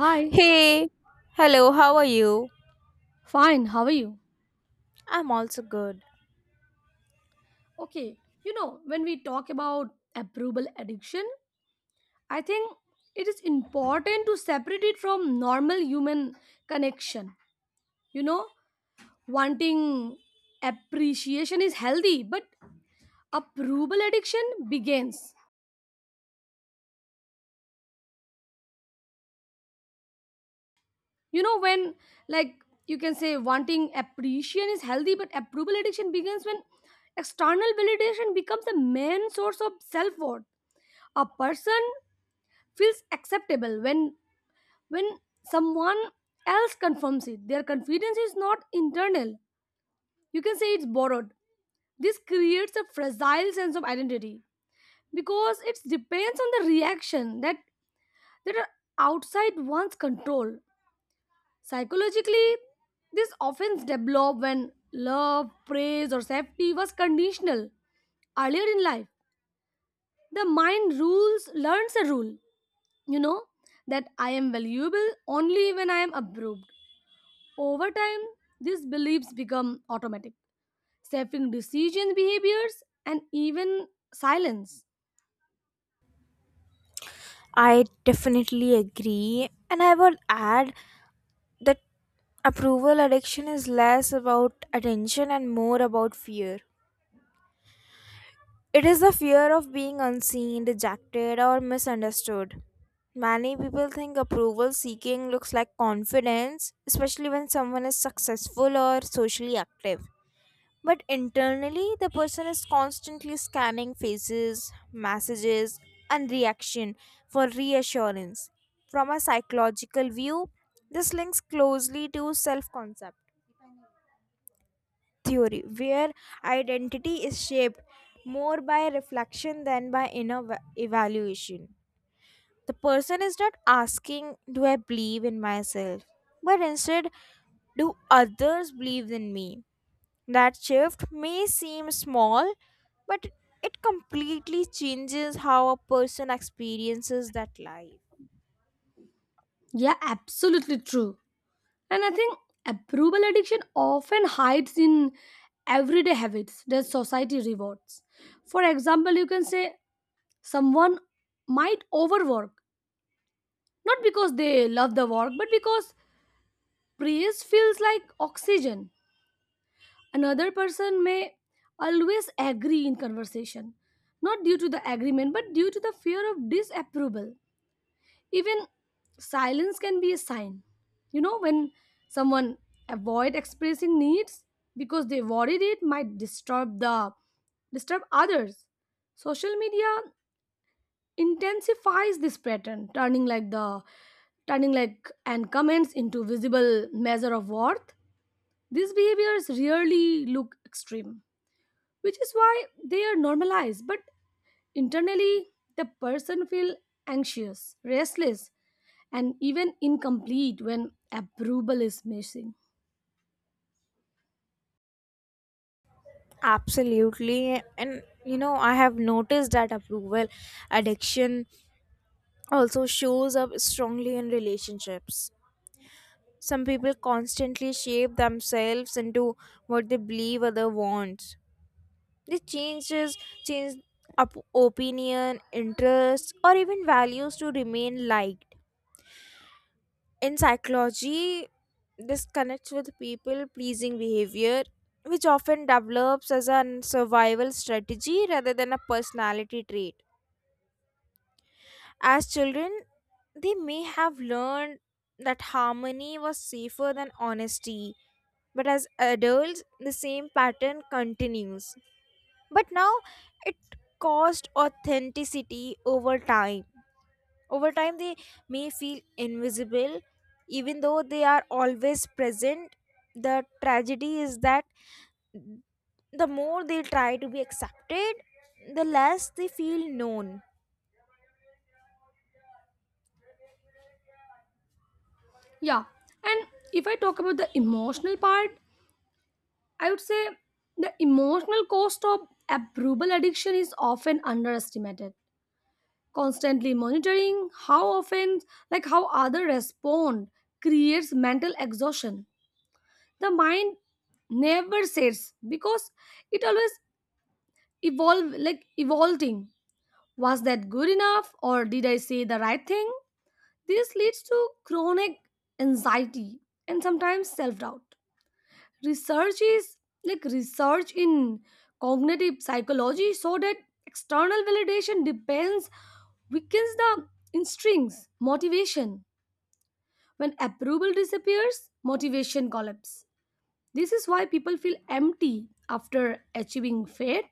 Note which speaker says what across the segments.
Speaker 1: Hi,
Speaker 2: Hey, hello, how are you?
Speaker 1: fine, how are you?
Speaker 2: I'm also good.
Speaker 1: Okay, you know, when we talk about approval addiction, I think it is important to separate it from normal human connection. You know, wanting appreciation is healthy, but approval addiction begins. You know, when, like, you can say wanting appreciation is healthy, but approval addiction begins when external validation becomes the main source of self worth. A person feels acceptable when someone else confirms it. Their confidence is not internal. You can say it's borrowed. This creates a fragile sense of identity because it depends on the reaction that are outside one's control. Psychologically, this often developed when love, praise, or safety was conditional earlier in life. The mind rules learns a rule, you know, that I am valuable only when I am approved. Over time, these beliefs become automatic, shaping decision behaviors and even silence.
Speaker 2: I definitely agree, and I would add that approval addiction is less about attention and more about fear. It is the fear of being unseen, rejected, or misunderstood. Many people think approval seeking looks like confidence, especially when someone is successful or socially active. But internally, the person is constantly scanning faces, messages, and reaction for reassurance. From a psychological view, this links closely to self concept theory, where identity is shaped more by reflection than by inner evaluation. The person is not asking, do I believe in myself? But instead, do others believe in me? That shift may seem small, but it completely changes how a person experiences that life.
Speaker 1: Yeah, absolutely true. And I think approval addiction often hides in everyday habits that society rewards. For example, you can say someone might overwork, not because they love the work, but because praise feels like oxygen. Another person may always agree in conversation, not due to the agreement, but due to the fear of disapproval. Even silence can be a sign. You know, when someone avoid expressing needs because they worried it might disturb others. Social media intensifies this pattern, turning like and comments into visible measure of worth. These behaviors rarely look extreme, which is why they are normalized, but internally the person feel anxious, restless, and even incomplete when approval is missing.
Speaker 2: Absolutely. And you know, I have noticed that approval addiction also shows up strongly in relationships. Some people constantly shape themselves into what they believe other wants. They change up opinion, interests, or even values to remain liked. In psychology, this connects with people pleasing behavior, which often develops as a survival strategy rather than a personality trait. As children, they may have learned that harmony was safer than honesty, but as adults, the same pattern continues. But now it caused authenticity over time. Over time, they may feel invisible, even though they are always present. The tragedy is that the more they try to be accepted, the less they feel known.
Speaker 1: Yeah, and if I talk about the emotional part, I would say the emotional cost of approval addiction is often underestimated. Constantly monitoring how often like how others respond creates mental exhaustion. The mind never sets because it always evolve like evolving, was that good enough or did I say the right thing? This leads to chronic anxiety and sometimes self-doubt. Research is like Research in cognitive psychology so that external validation depends weakens the instincts motivation. When approval disappears, motivation collapses. This is why people feel empty after achieving faith.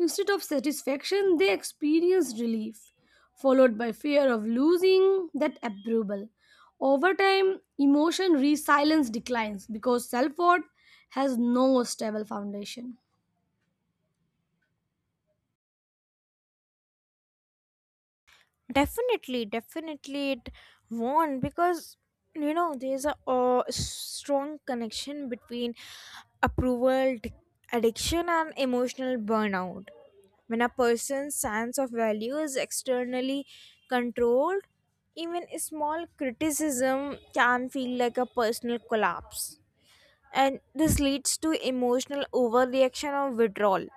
Speaker 1: Instead of satisfaction, they experience relief, followed by fear of losing that approval. Over time, emotion resilience declines because self worth has no stable foundation.
Speaker 2: Definitely, it won't because you know there's a strong connection between approval d- addiction and emotional burnout. When a person's sense of value is externally controlled, even a small criticism can feel like a personal collapse. And this leads to emotional overreaction or withdrawal.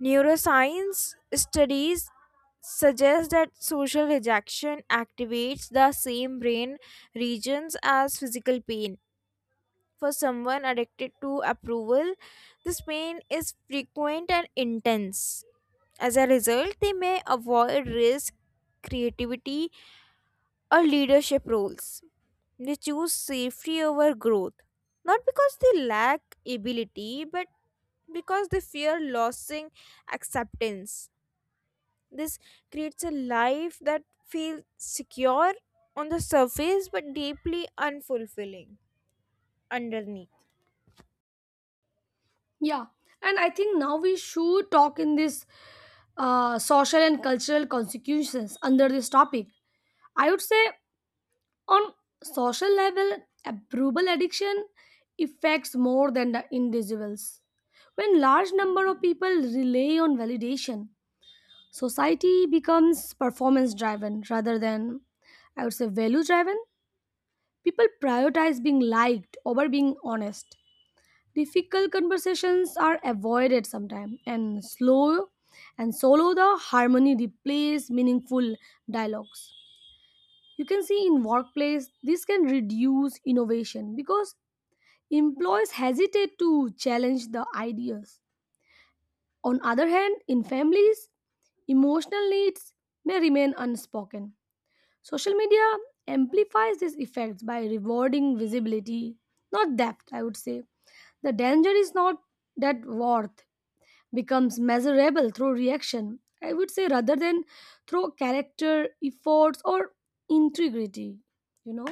Speaker 2: Neuroscience studies suggest that social rejection activates the same brain regions as physical pain. For someone addicted to approval, this pain is frequent and intense. As a result, they may avoid risk, creativity, or leadership roles. They choose safety over growth, not because they lack ability, but because they fear losing acceptance. This creates a life that feels secure on the surface but deeply unfulfilling underneath.
Speaker 1: Yeah, and I think now we should talk in this social and cultural consequences under this topic. I would say on social level, approval addiction affects more than the individuals. When large number of people rely on validation, society becomes performance driven rather than, I would say, value driven. People prioritize being liked over being honest. Difficult conversations are avoided sometimes, and slow and solo the harmony replace meaningful dialogues. You can see in workplace this can reduce innovation because employees hesitate to challenge the ideas. On other hand, in families, emotional needs may remain unspoken. Social media amplifies these effects by rewarding visibility, not depth, I would say. The danger is not that worth becomes measurable through reaction, I would say, rather than through character, efforts, or integrity, you know.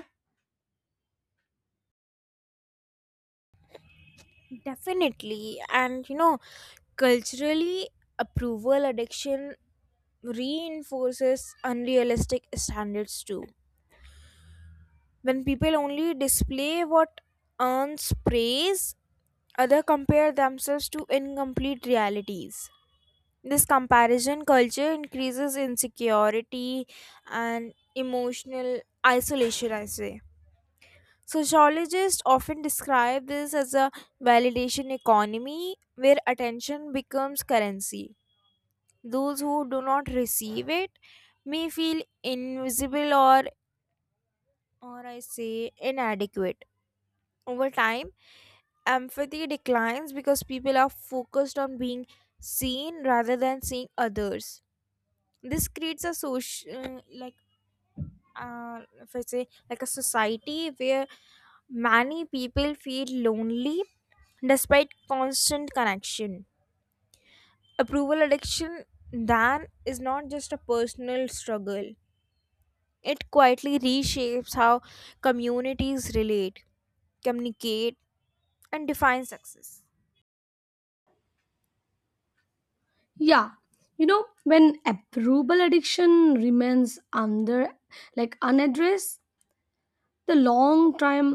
Speaker 2: Definitely. And you know, culturally, approval addiction reinforces unrealistic standards too. When people only display what earns praise, others compare themselves to incomplete realities. This comparison culture increases insecurity and emotional isolation, I say. Sociologists often describe this as a validation economy where attention becomes currency. Those who do not receive it may feel invisible or I say, inadequate. Over time, empathy declines because people are focused on being seen rather than seeing others. This creates a social if I say, like, a society where many people feel lonely despite constant connection. Approval addiction then is not just a personal struggle, it quietly reshapes how communities relate, communicate, and define success.
Speaker 1: Yeah, you know, when approval addiction remains under like unaddressed, the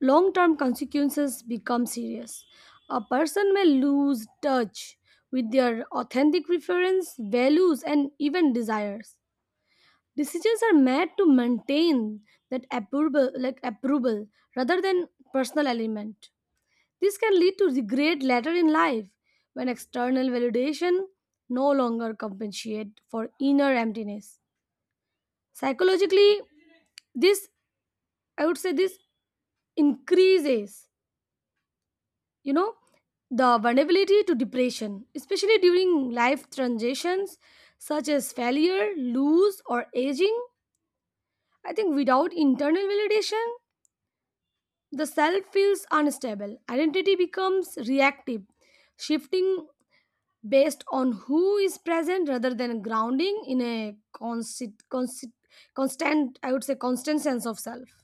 Speaker 1: long term consequences become serious. A person may lose touch with their authentic preference, values, and even desires. Decisions are made to maintain that approval like approval rather than personal element. This can lead to regret later in life when external validation no longer compensates for inner emptiness. Psychologically, this I would say this increases, you know, the vulnerability to depression, especially during life transitions such as failure, lose, or aging. I think without internal validation, the self feels unstable. Identity becomes reactive, shifting based on who is present rather than grounding in a constant, constant, constant I would say constant sense of self.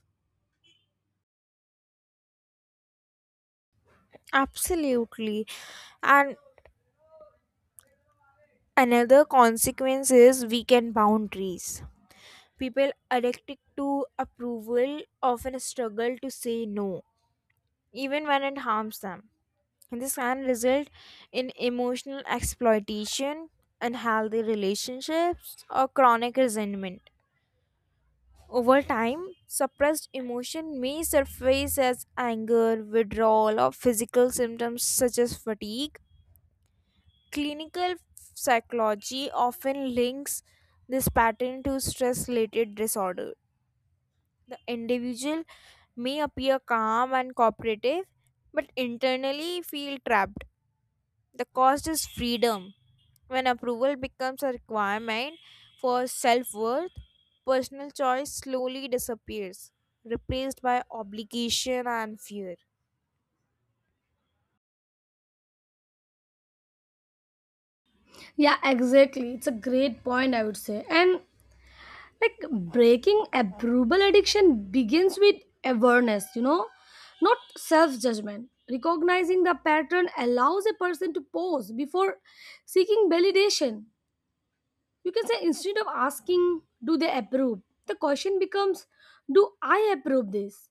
Speaker 2: Absolutely, and another consequence is weakened boundaries. People addicted to approval often struggle to say no, even when it harms them. And this can result in emotional exploitation, unhealthy relationships, or chronic resentment. Over time, suppressed emotion may surface as anger, withdrawal, or physical symptoms such as fatigue. Clinical psychology often links this pattern to stress related disorders. The individual may appear calm and cooperative, but internally feel trapped. The cost is freedom. When approval becomes a requirement for self worth, personal choice slowly disappears, replaced by obligation and fear.
Speaker 1: Yeah, exactly. It's a great point, I would say. And, like, breaking approval addiction begins with awareness, you know, not self judgment. Recognizing the pattern allows a person to pause before seeking validation. You can say, instead of asking, do they approve? The question becomes, do I approve this?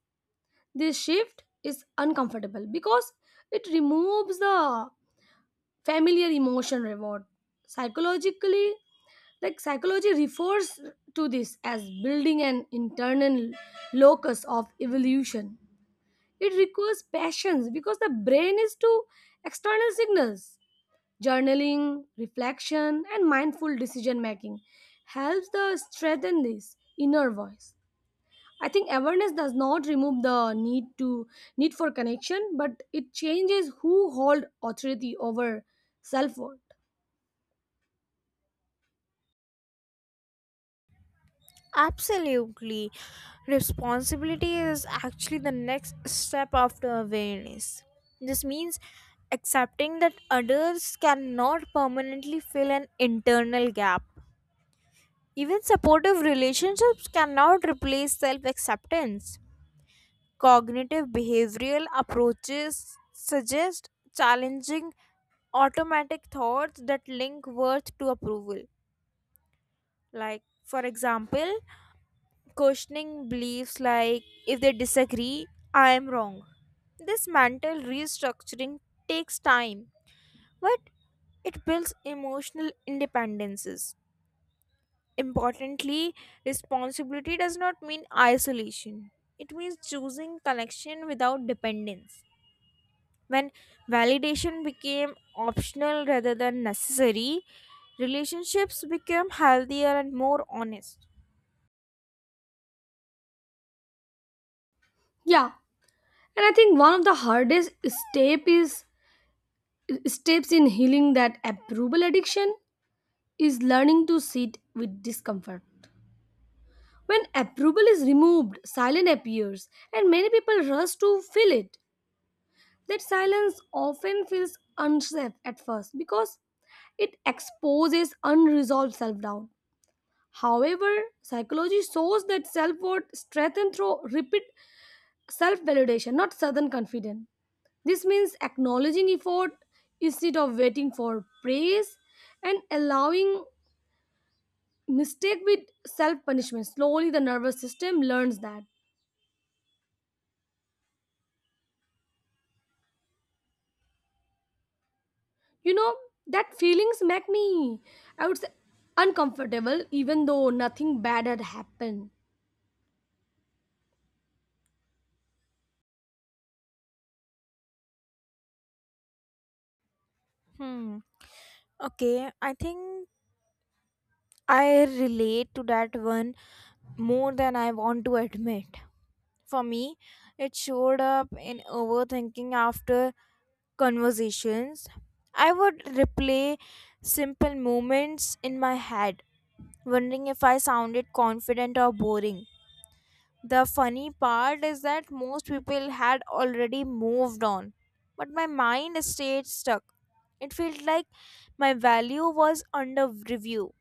Speaker 1: This shift is uncomfortable because it removes the familiar emotion reward. Psychologically, psychology refers to this as building an internal locus of evolution. It requires passions because the brain is to external signals. Journaling, reflection, and mindful decision making helps the strengthen this inner voice. I think awareness does not remove the need for connection, but it changes who hold authority over self-worth.
Speaker 2: Absolutely. Responsibility is actually the next step after awareness. This means accepting that others cannot permanently fill an internal gap. Even supportive relationships cannot replace self acceptance. Cognitive behavioral approaches suggest challenging automatic thoughts that link worth to approval. Like, for example, questioning beliefs like if they disagree, I am wrong. This mental restructuring takes time, but it builds emotional independences. Importantly, responsibility does not mean isolation. It means choosing connection without dependence. When validation became optional rather than necessary, relationships became healthier and more honest.
Speaker 1: Yeah, and I think one of the hardest step is steps in healing that approval addiction is learning to sit with discomfort. When approval is removed, silence appears, and many people rush to fill it. That silence often feels unsafe at first because it exposes unresolved self doubt. However, psychology shows that self worth strengthens through repeat self validation, not sudden confidence. This means acknowledging effort instead of waiting for praise, and allowing mistake with self punishment. Slowly, the nervous system learns that. You know, that feelings make me, I would say, uncomfortable even though nothing bad had happened.
Speaker 2: Hmm. Okay, I think I relate to that one more than I want to admit. For me, it showed up in overthinking after conversations. I would replay simple moments in my head, wondering if I sounded confident or boring. The funny part is that most people had already moved on, but my mind stayed stuck. It felt like my value was under review.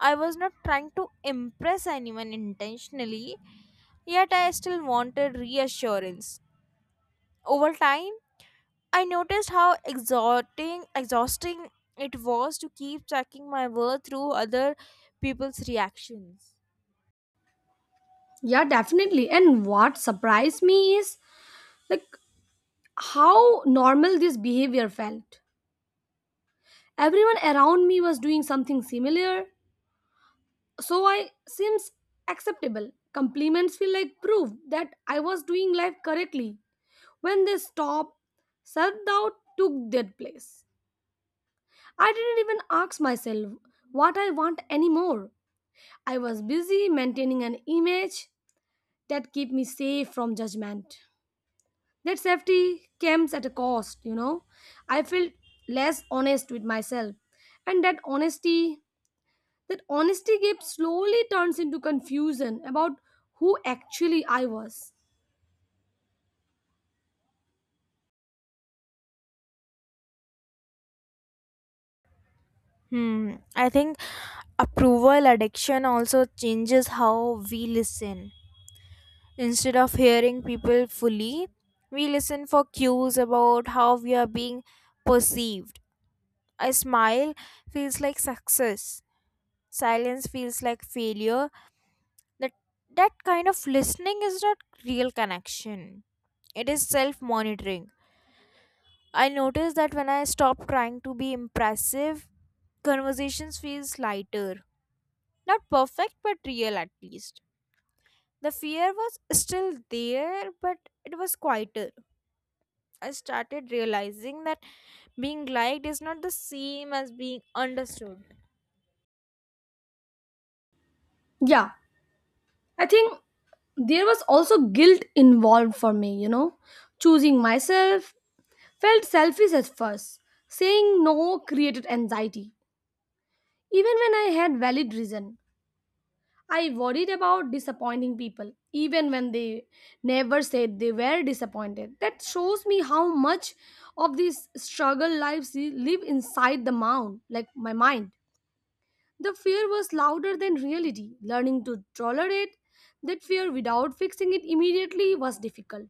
Speaker 2: I was not trying to impress anyone intentionally, yet I still wanted reassurance. Over time, I noticed how exhausting it was to keep checking my worth through other people's reactions.
Speaker 1: Yeah, definitely. And what surprised me is, like, how normal this behavior felt. Everyone around me was doing something similar, so I seems acceptable. Compliments feel like proof that I was doing life correctly. When they stopped, self doubt took their place. I didn't even ask myself what I want anymore. I was busy maintaining an image that kept me safe from judgment. That safety comes at a cost, you know. I felt less honest with myself. And that honesty gap slowly turns into confusion about who actually I was.
Speaker 2: Hmm, I think approval addiction also changes how we listen. Instead of hearing people fully, we listen for cues about how we are being perceived. A smile feels like success. Silence feels like failure. That that kind of listening is not real connection. It is self-monitoring. I noticed that when I stop trying to be impressive, conversations feels lighter. Not perfect, but real at least. The fear was still there, but it was quieter. I started realizing that being liked is not the same as being understood.
Speaker 1: Yeah, I think there was also guilt involved for me, you know. Choosing myself felt selfish at first. Saying no created anxiety, even when I had valid reason. I worried about disappointing people, even when they never said they were disappointed. That shows me how much of these struggle lives live inside the mound, like my mind. The fear was louder than reality. Learning to tolerate that fear without fixing it immediately was difficult.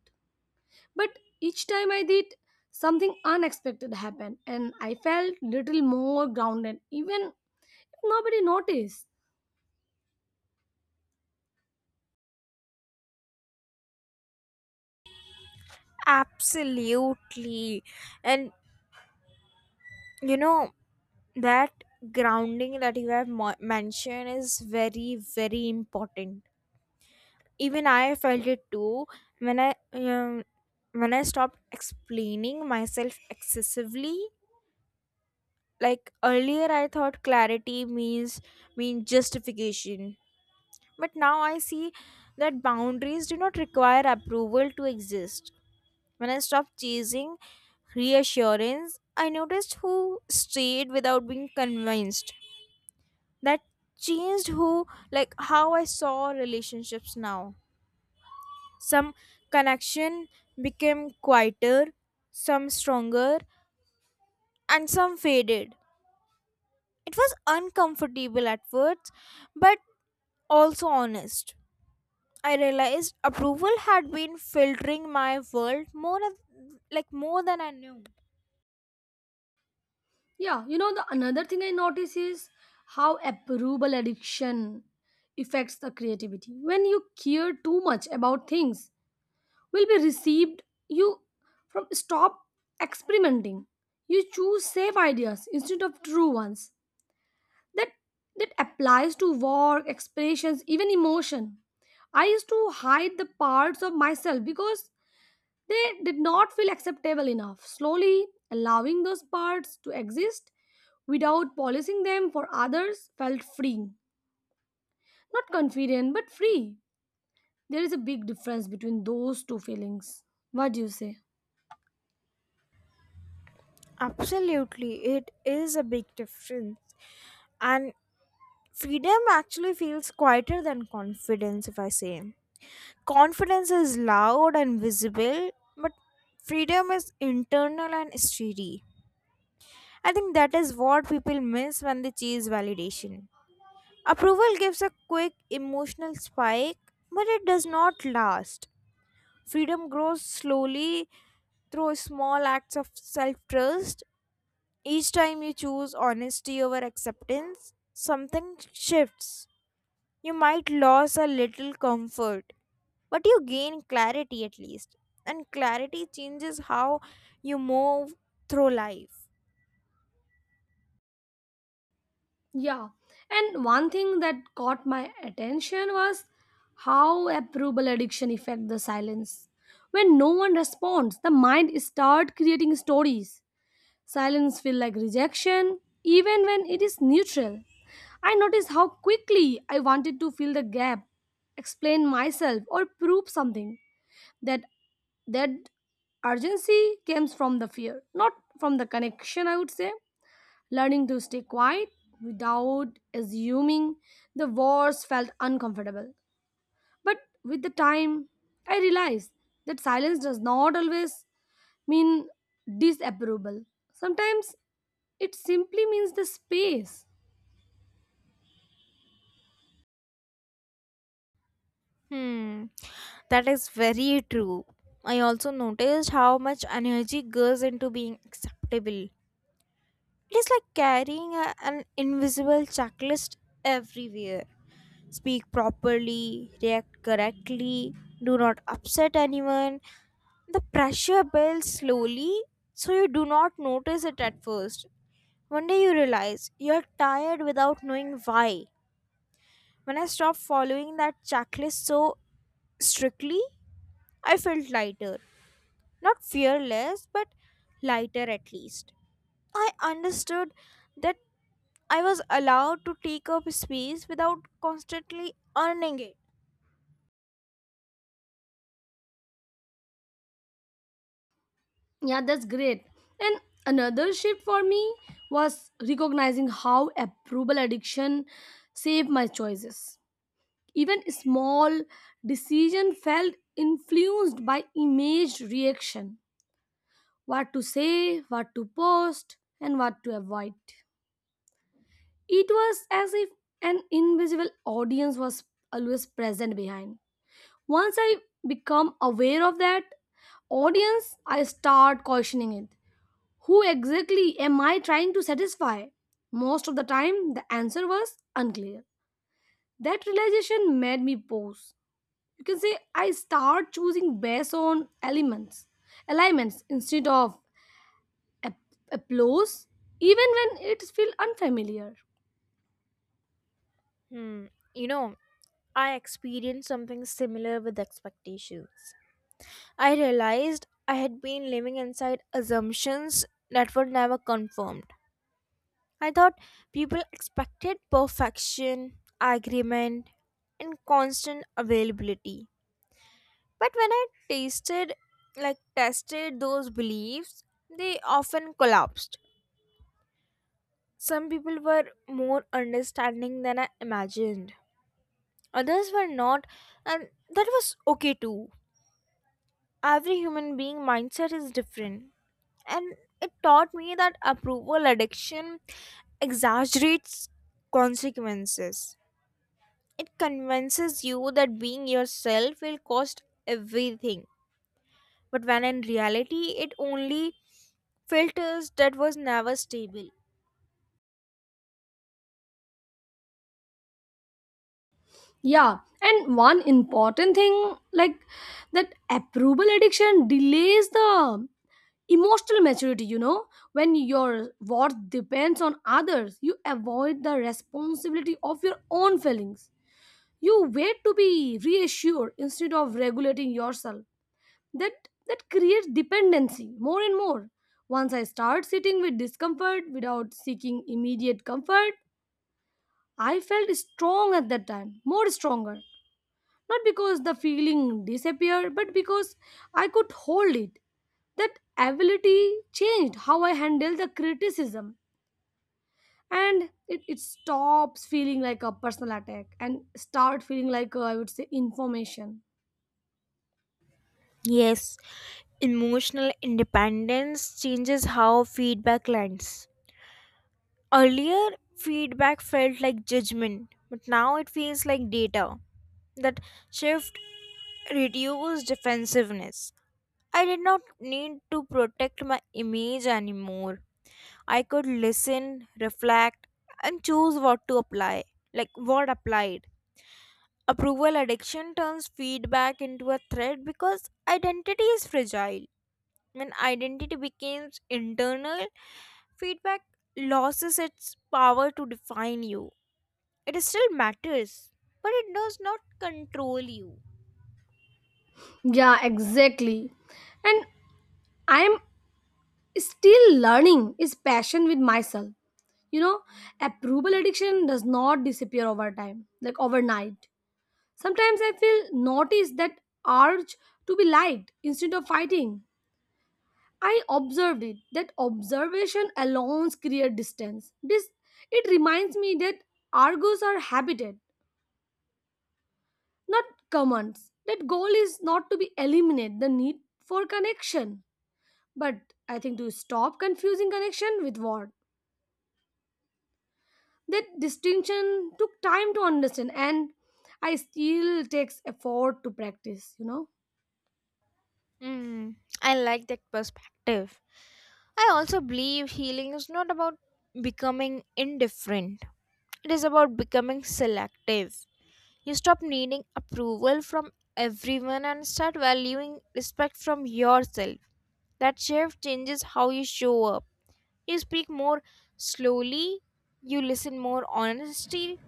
Speaker 1: But each time I did, something unexpected happened, and I felt little more grounded, even if nobody noticed.
Speaker 2: Absolutely. And you know, that grounding that you have mentioned is very, very important. Even I felt it too when I um, when I stopped explaining myself excessively. Like earlier, I thought clarity mean justification, but now I see that boundaries do not require approval to exist. When I stopped chasing reassurance, I noticed who stayed without being convinced. That changed who, like, how I saw relationships now. Some connection became quieter, some stronger, and some faded. It was uncomfortable at first, but also honest. I realized approval had been filtering my world more of, like, more than I knew.
Speaker 1: Yeah, you know, the another thing I notice is how approval addiction affects the creativity. When you care too much about things will be received, you from stop experimenting. You choose safe ideas instead of true ones. That that applies to work, expressions, even emotion. I used to hide the parts of myself because they did not feel acceptable enough. Slowly, allowing those parts to exist without policing them for others felt freeing. Not confident, but free. There is a big difference between those two feelings. What do you say?
Speaker 2: Absolutely, it is a big difference. And freedom actually feels quieter than confidence, if I say. Confidence is loud and visible, but freedom is internal and steady. I think that is what people miss when they chase validation. Approval gives a quick emotional spike, but it does not last. Freedom grows slowly through small acts of self trust. Each time you choose honesty over acceptance, something shifts. You might lose a little comfort, but you gain clarity at least. And clarity changes how you move through life.
Speaker 1: Yeah. And one thing that caught my attention was how approval addiction affect the silence. When no one responds, the mind start creating stories. Silence feels like rejection, even when it is neutral. I noticed how quickly I wanted to fill the gap, explain myself, or prove something. That that urgency comes from the fear, not from the connection, I would say. Learning to stay quiet without assuming the worst felt uncomfortable. But with the time, I realized that silence does not always mean disapproval. Sometimes it simply means the space.
Speaker 2: Hmm, that is very true. I also noticed how much energy goes into being acceptable. It is like carrying a, an invisible checklist everywhere. Speak properly, react correctly, do not upset anyone. The pressure builds slowly, so you do not notice it at first. One day you realize you're tired without knowing why. When I stopped following that checklist so strictly, I felt lighter. Not fearless, but lighter at least. I understood that I was allowed to take up space without constantly earning it.
Speaker 1: Yeah, that's great. And another shift for me was recognizing how approval addiction saved my choices. Even small decision felt influenced by image reaction. What to say, what to post, and what to avoid. It was as if an invisible audience was always present behind. Once I become aware of that audience, I start questioning it. Who exactly am I trying to satisfy? Most of the time, the answer was unclear. That realization made me pause. You can say I start choosing based on elements, alignments instead of ap- applause, even when it feels unfamiliar.
Speaker 2: Hmm. You know, I experienced something similar with expectations. I realized I had been living inside assumptions that were never confirmed. I thought people expected perfection, agreement, and constant availability. But when I tasted like tested those beliefs, they often collapsed. Some people were more understanding than I imagined. Others were not, and that was okay too. Every human being mindset is different, and it taught me that approval addiction exaggerates consequences. It convinces you that being yourself will cost everything, but when in reality it only filters that was never stable.
Speaker 1: Yeah, and one important thing, like, that approval addiction delays the emotional maturity, you know. When your worth depends on others, you avoid the responsibility of your own feelings. You wait to be reassured instead of regulating yourself. That creates dependency more and more. Once I start sitting with discomfort without seeking immediate comfort, I felt strong at that time more stronger, not because the feeling disappeared, but because I could hold it. That ability changed how I handle the criticism. And it stops feeling like a personal attack and start feeling like, I would say, information.
Speaker 2: Yes, emotional independence changes how feedback lands. Earlier, feedback felt like judgment, but now it feels like data. That shift reduced defensiveness. I did not need to protect my image anymore. I could listen, reflect, and choose what to apply, like what applied. Approval addiction turns feedback into a threat because identity is fragile. When identity becomes internal, feedback loses its power to define you. It still matters, but it does not control you.
Speaker 1: Yeah, exactly. And I'm still learning is passion with myself. You know, approval addiction does not disappear over time, like overnight. Sometimes I feel notice that urge to be liked instead of fighting. I observed it. That observation alone creates distance. This it reminds me that argos are habited, not commands. That goal is not to be eliminate the need for connection, but I think to stop confusing connection with what. That distinction took time to understand, and I still takes effort to practice. You know,
Speaker 2: Mm, I like that perspective. I also believe healing is not about becoming indifferent, it is about becoming selective. You stop needing approval from everyone and start valuing respect from yourself. That shift changes how you show up. You speak more slowly, you listen more honestly,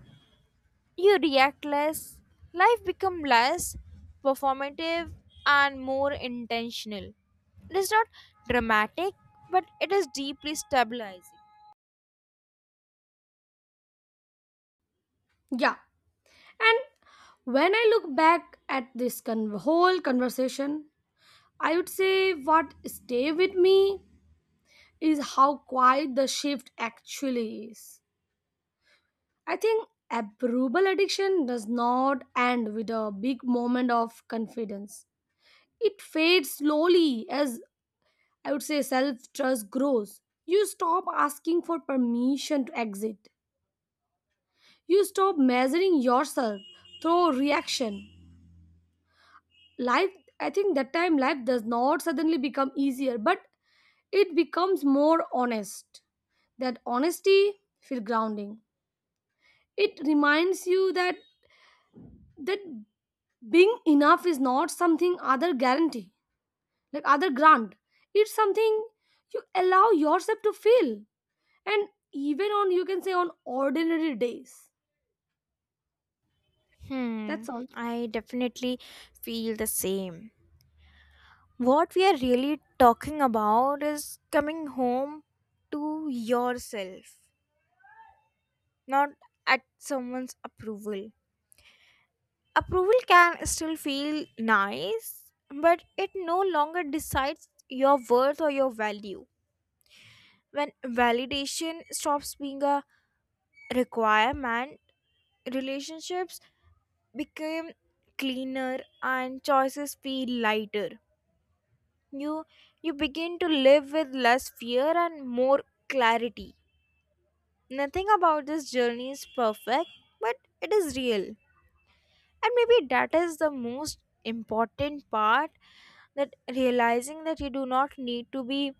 Speaker 2: you react less, life become less performative and more intentional. It is not dramatic, but it is deeply stabilizing.
Speaker 1: yeah. And when I look back at this whole conversation, I would say what stay with me is how quiet the shift actually is. I think approval addiction does not end with a big moment of confidence. It fades slowly as, I would say, self trust grows. You stop asking for permission to exit. You stop measuring yourself through reaction life. I think that time life does not suddenly become easier, but it becomes more honest. That honesty feel grounding. It reminds you that being enough is not something other guarantee, like other grant. It's something you allow yourself to feel, and even on, you can say, on ordinary days.
Speaker 2: Hmm,
Speaker 1: That's all.
Speaker 2: I definitely feel the same. What we are really talking about is coming home to yourself, not at someone's approval. Approval can still feel nice, but it no longer decides your worth or your value. When validation stops being a requirement, relationships become cleaner and choices feel lighter. You you begin to live with less fear and more clarity. Nothing about this journey is perfect, but it is real. And maybe that is the most important part, that realizing that you do not need to be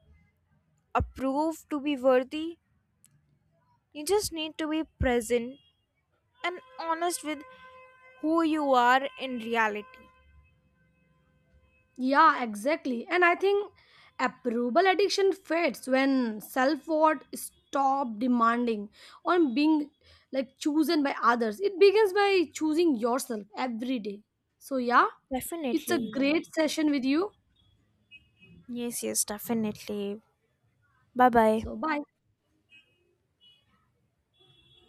Speaker 2: approved to be worthy. You just need to be present and honest with who you are in reality.
Speaker 1: Yeah, exactly. And I think approval addiction fades when self worth stop demanding on being, like, chosen by others. It begins by choosing yourself every day. So yeah, it's a
Speaker 2: Definitely. Yeah.
Speaker 1: great session with you.
Speaker 2: Yes, yes, definitely. Bye bye.
Speaker 1: So bye.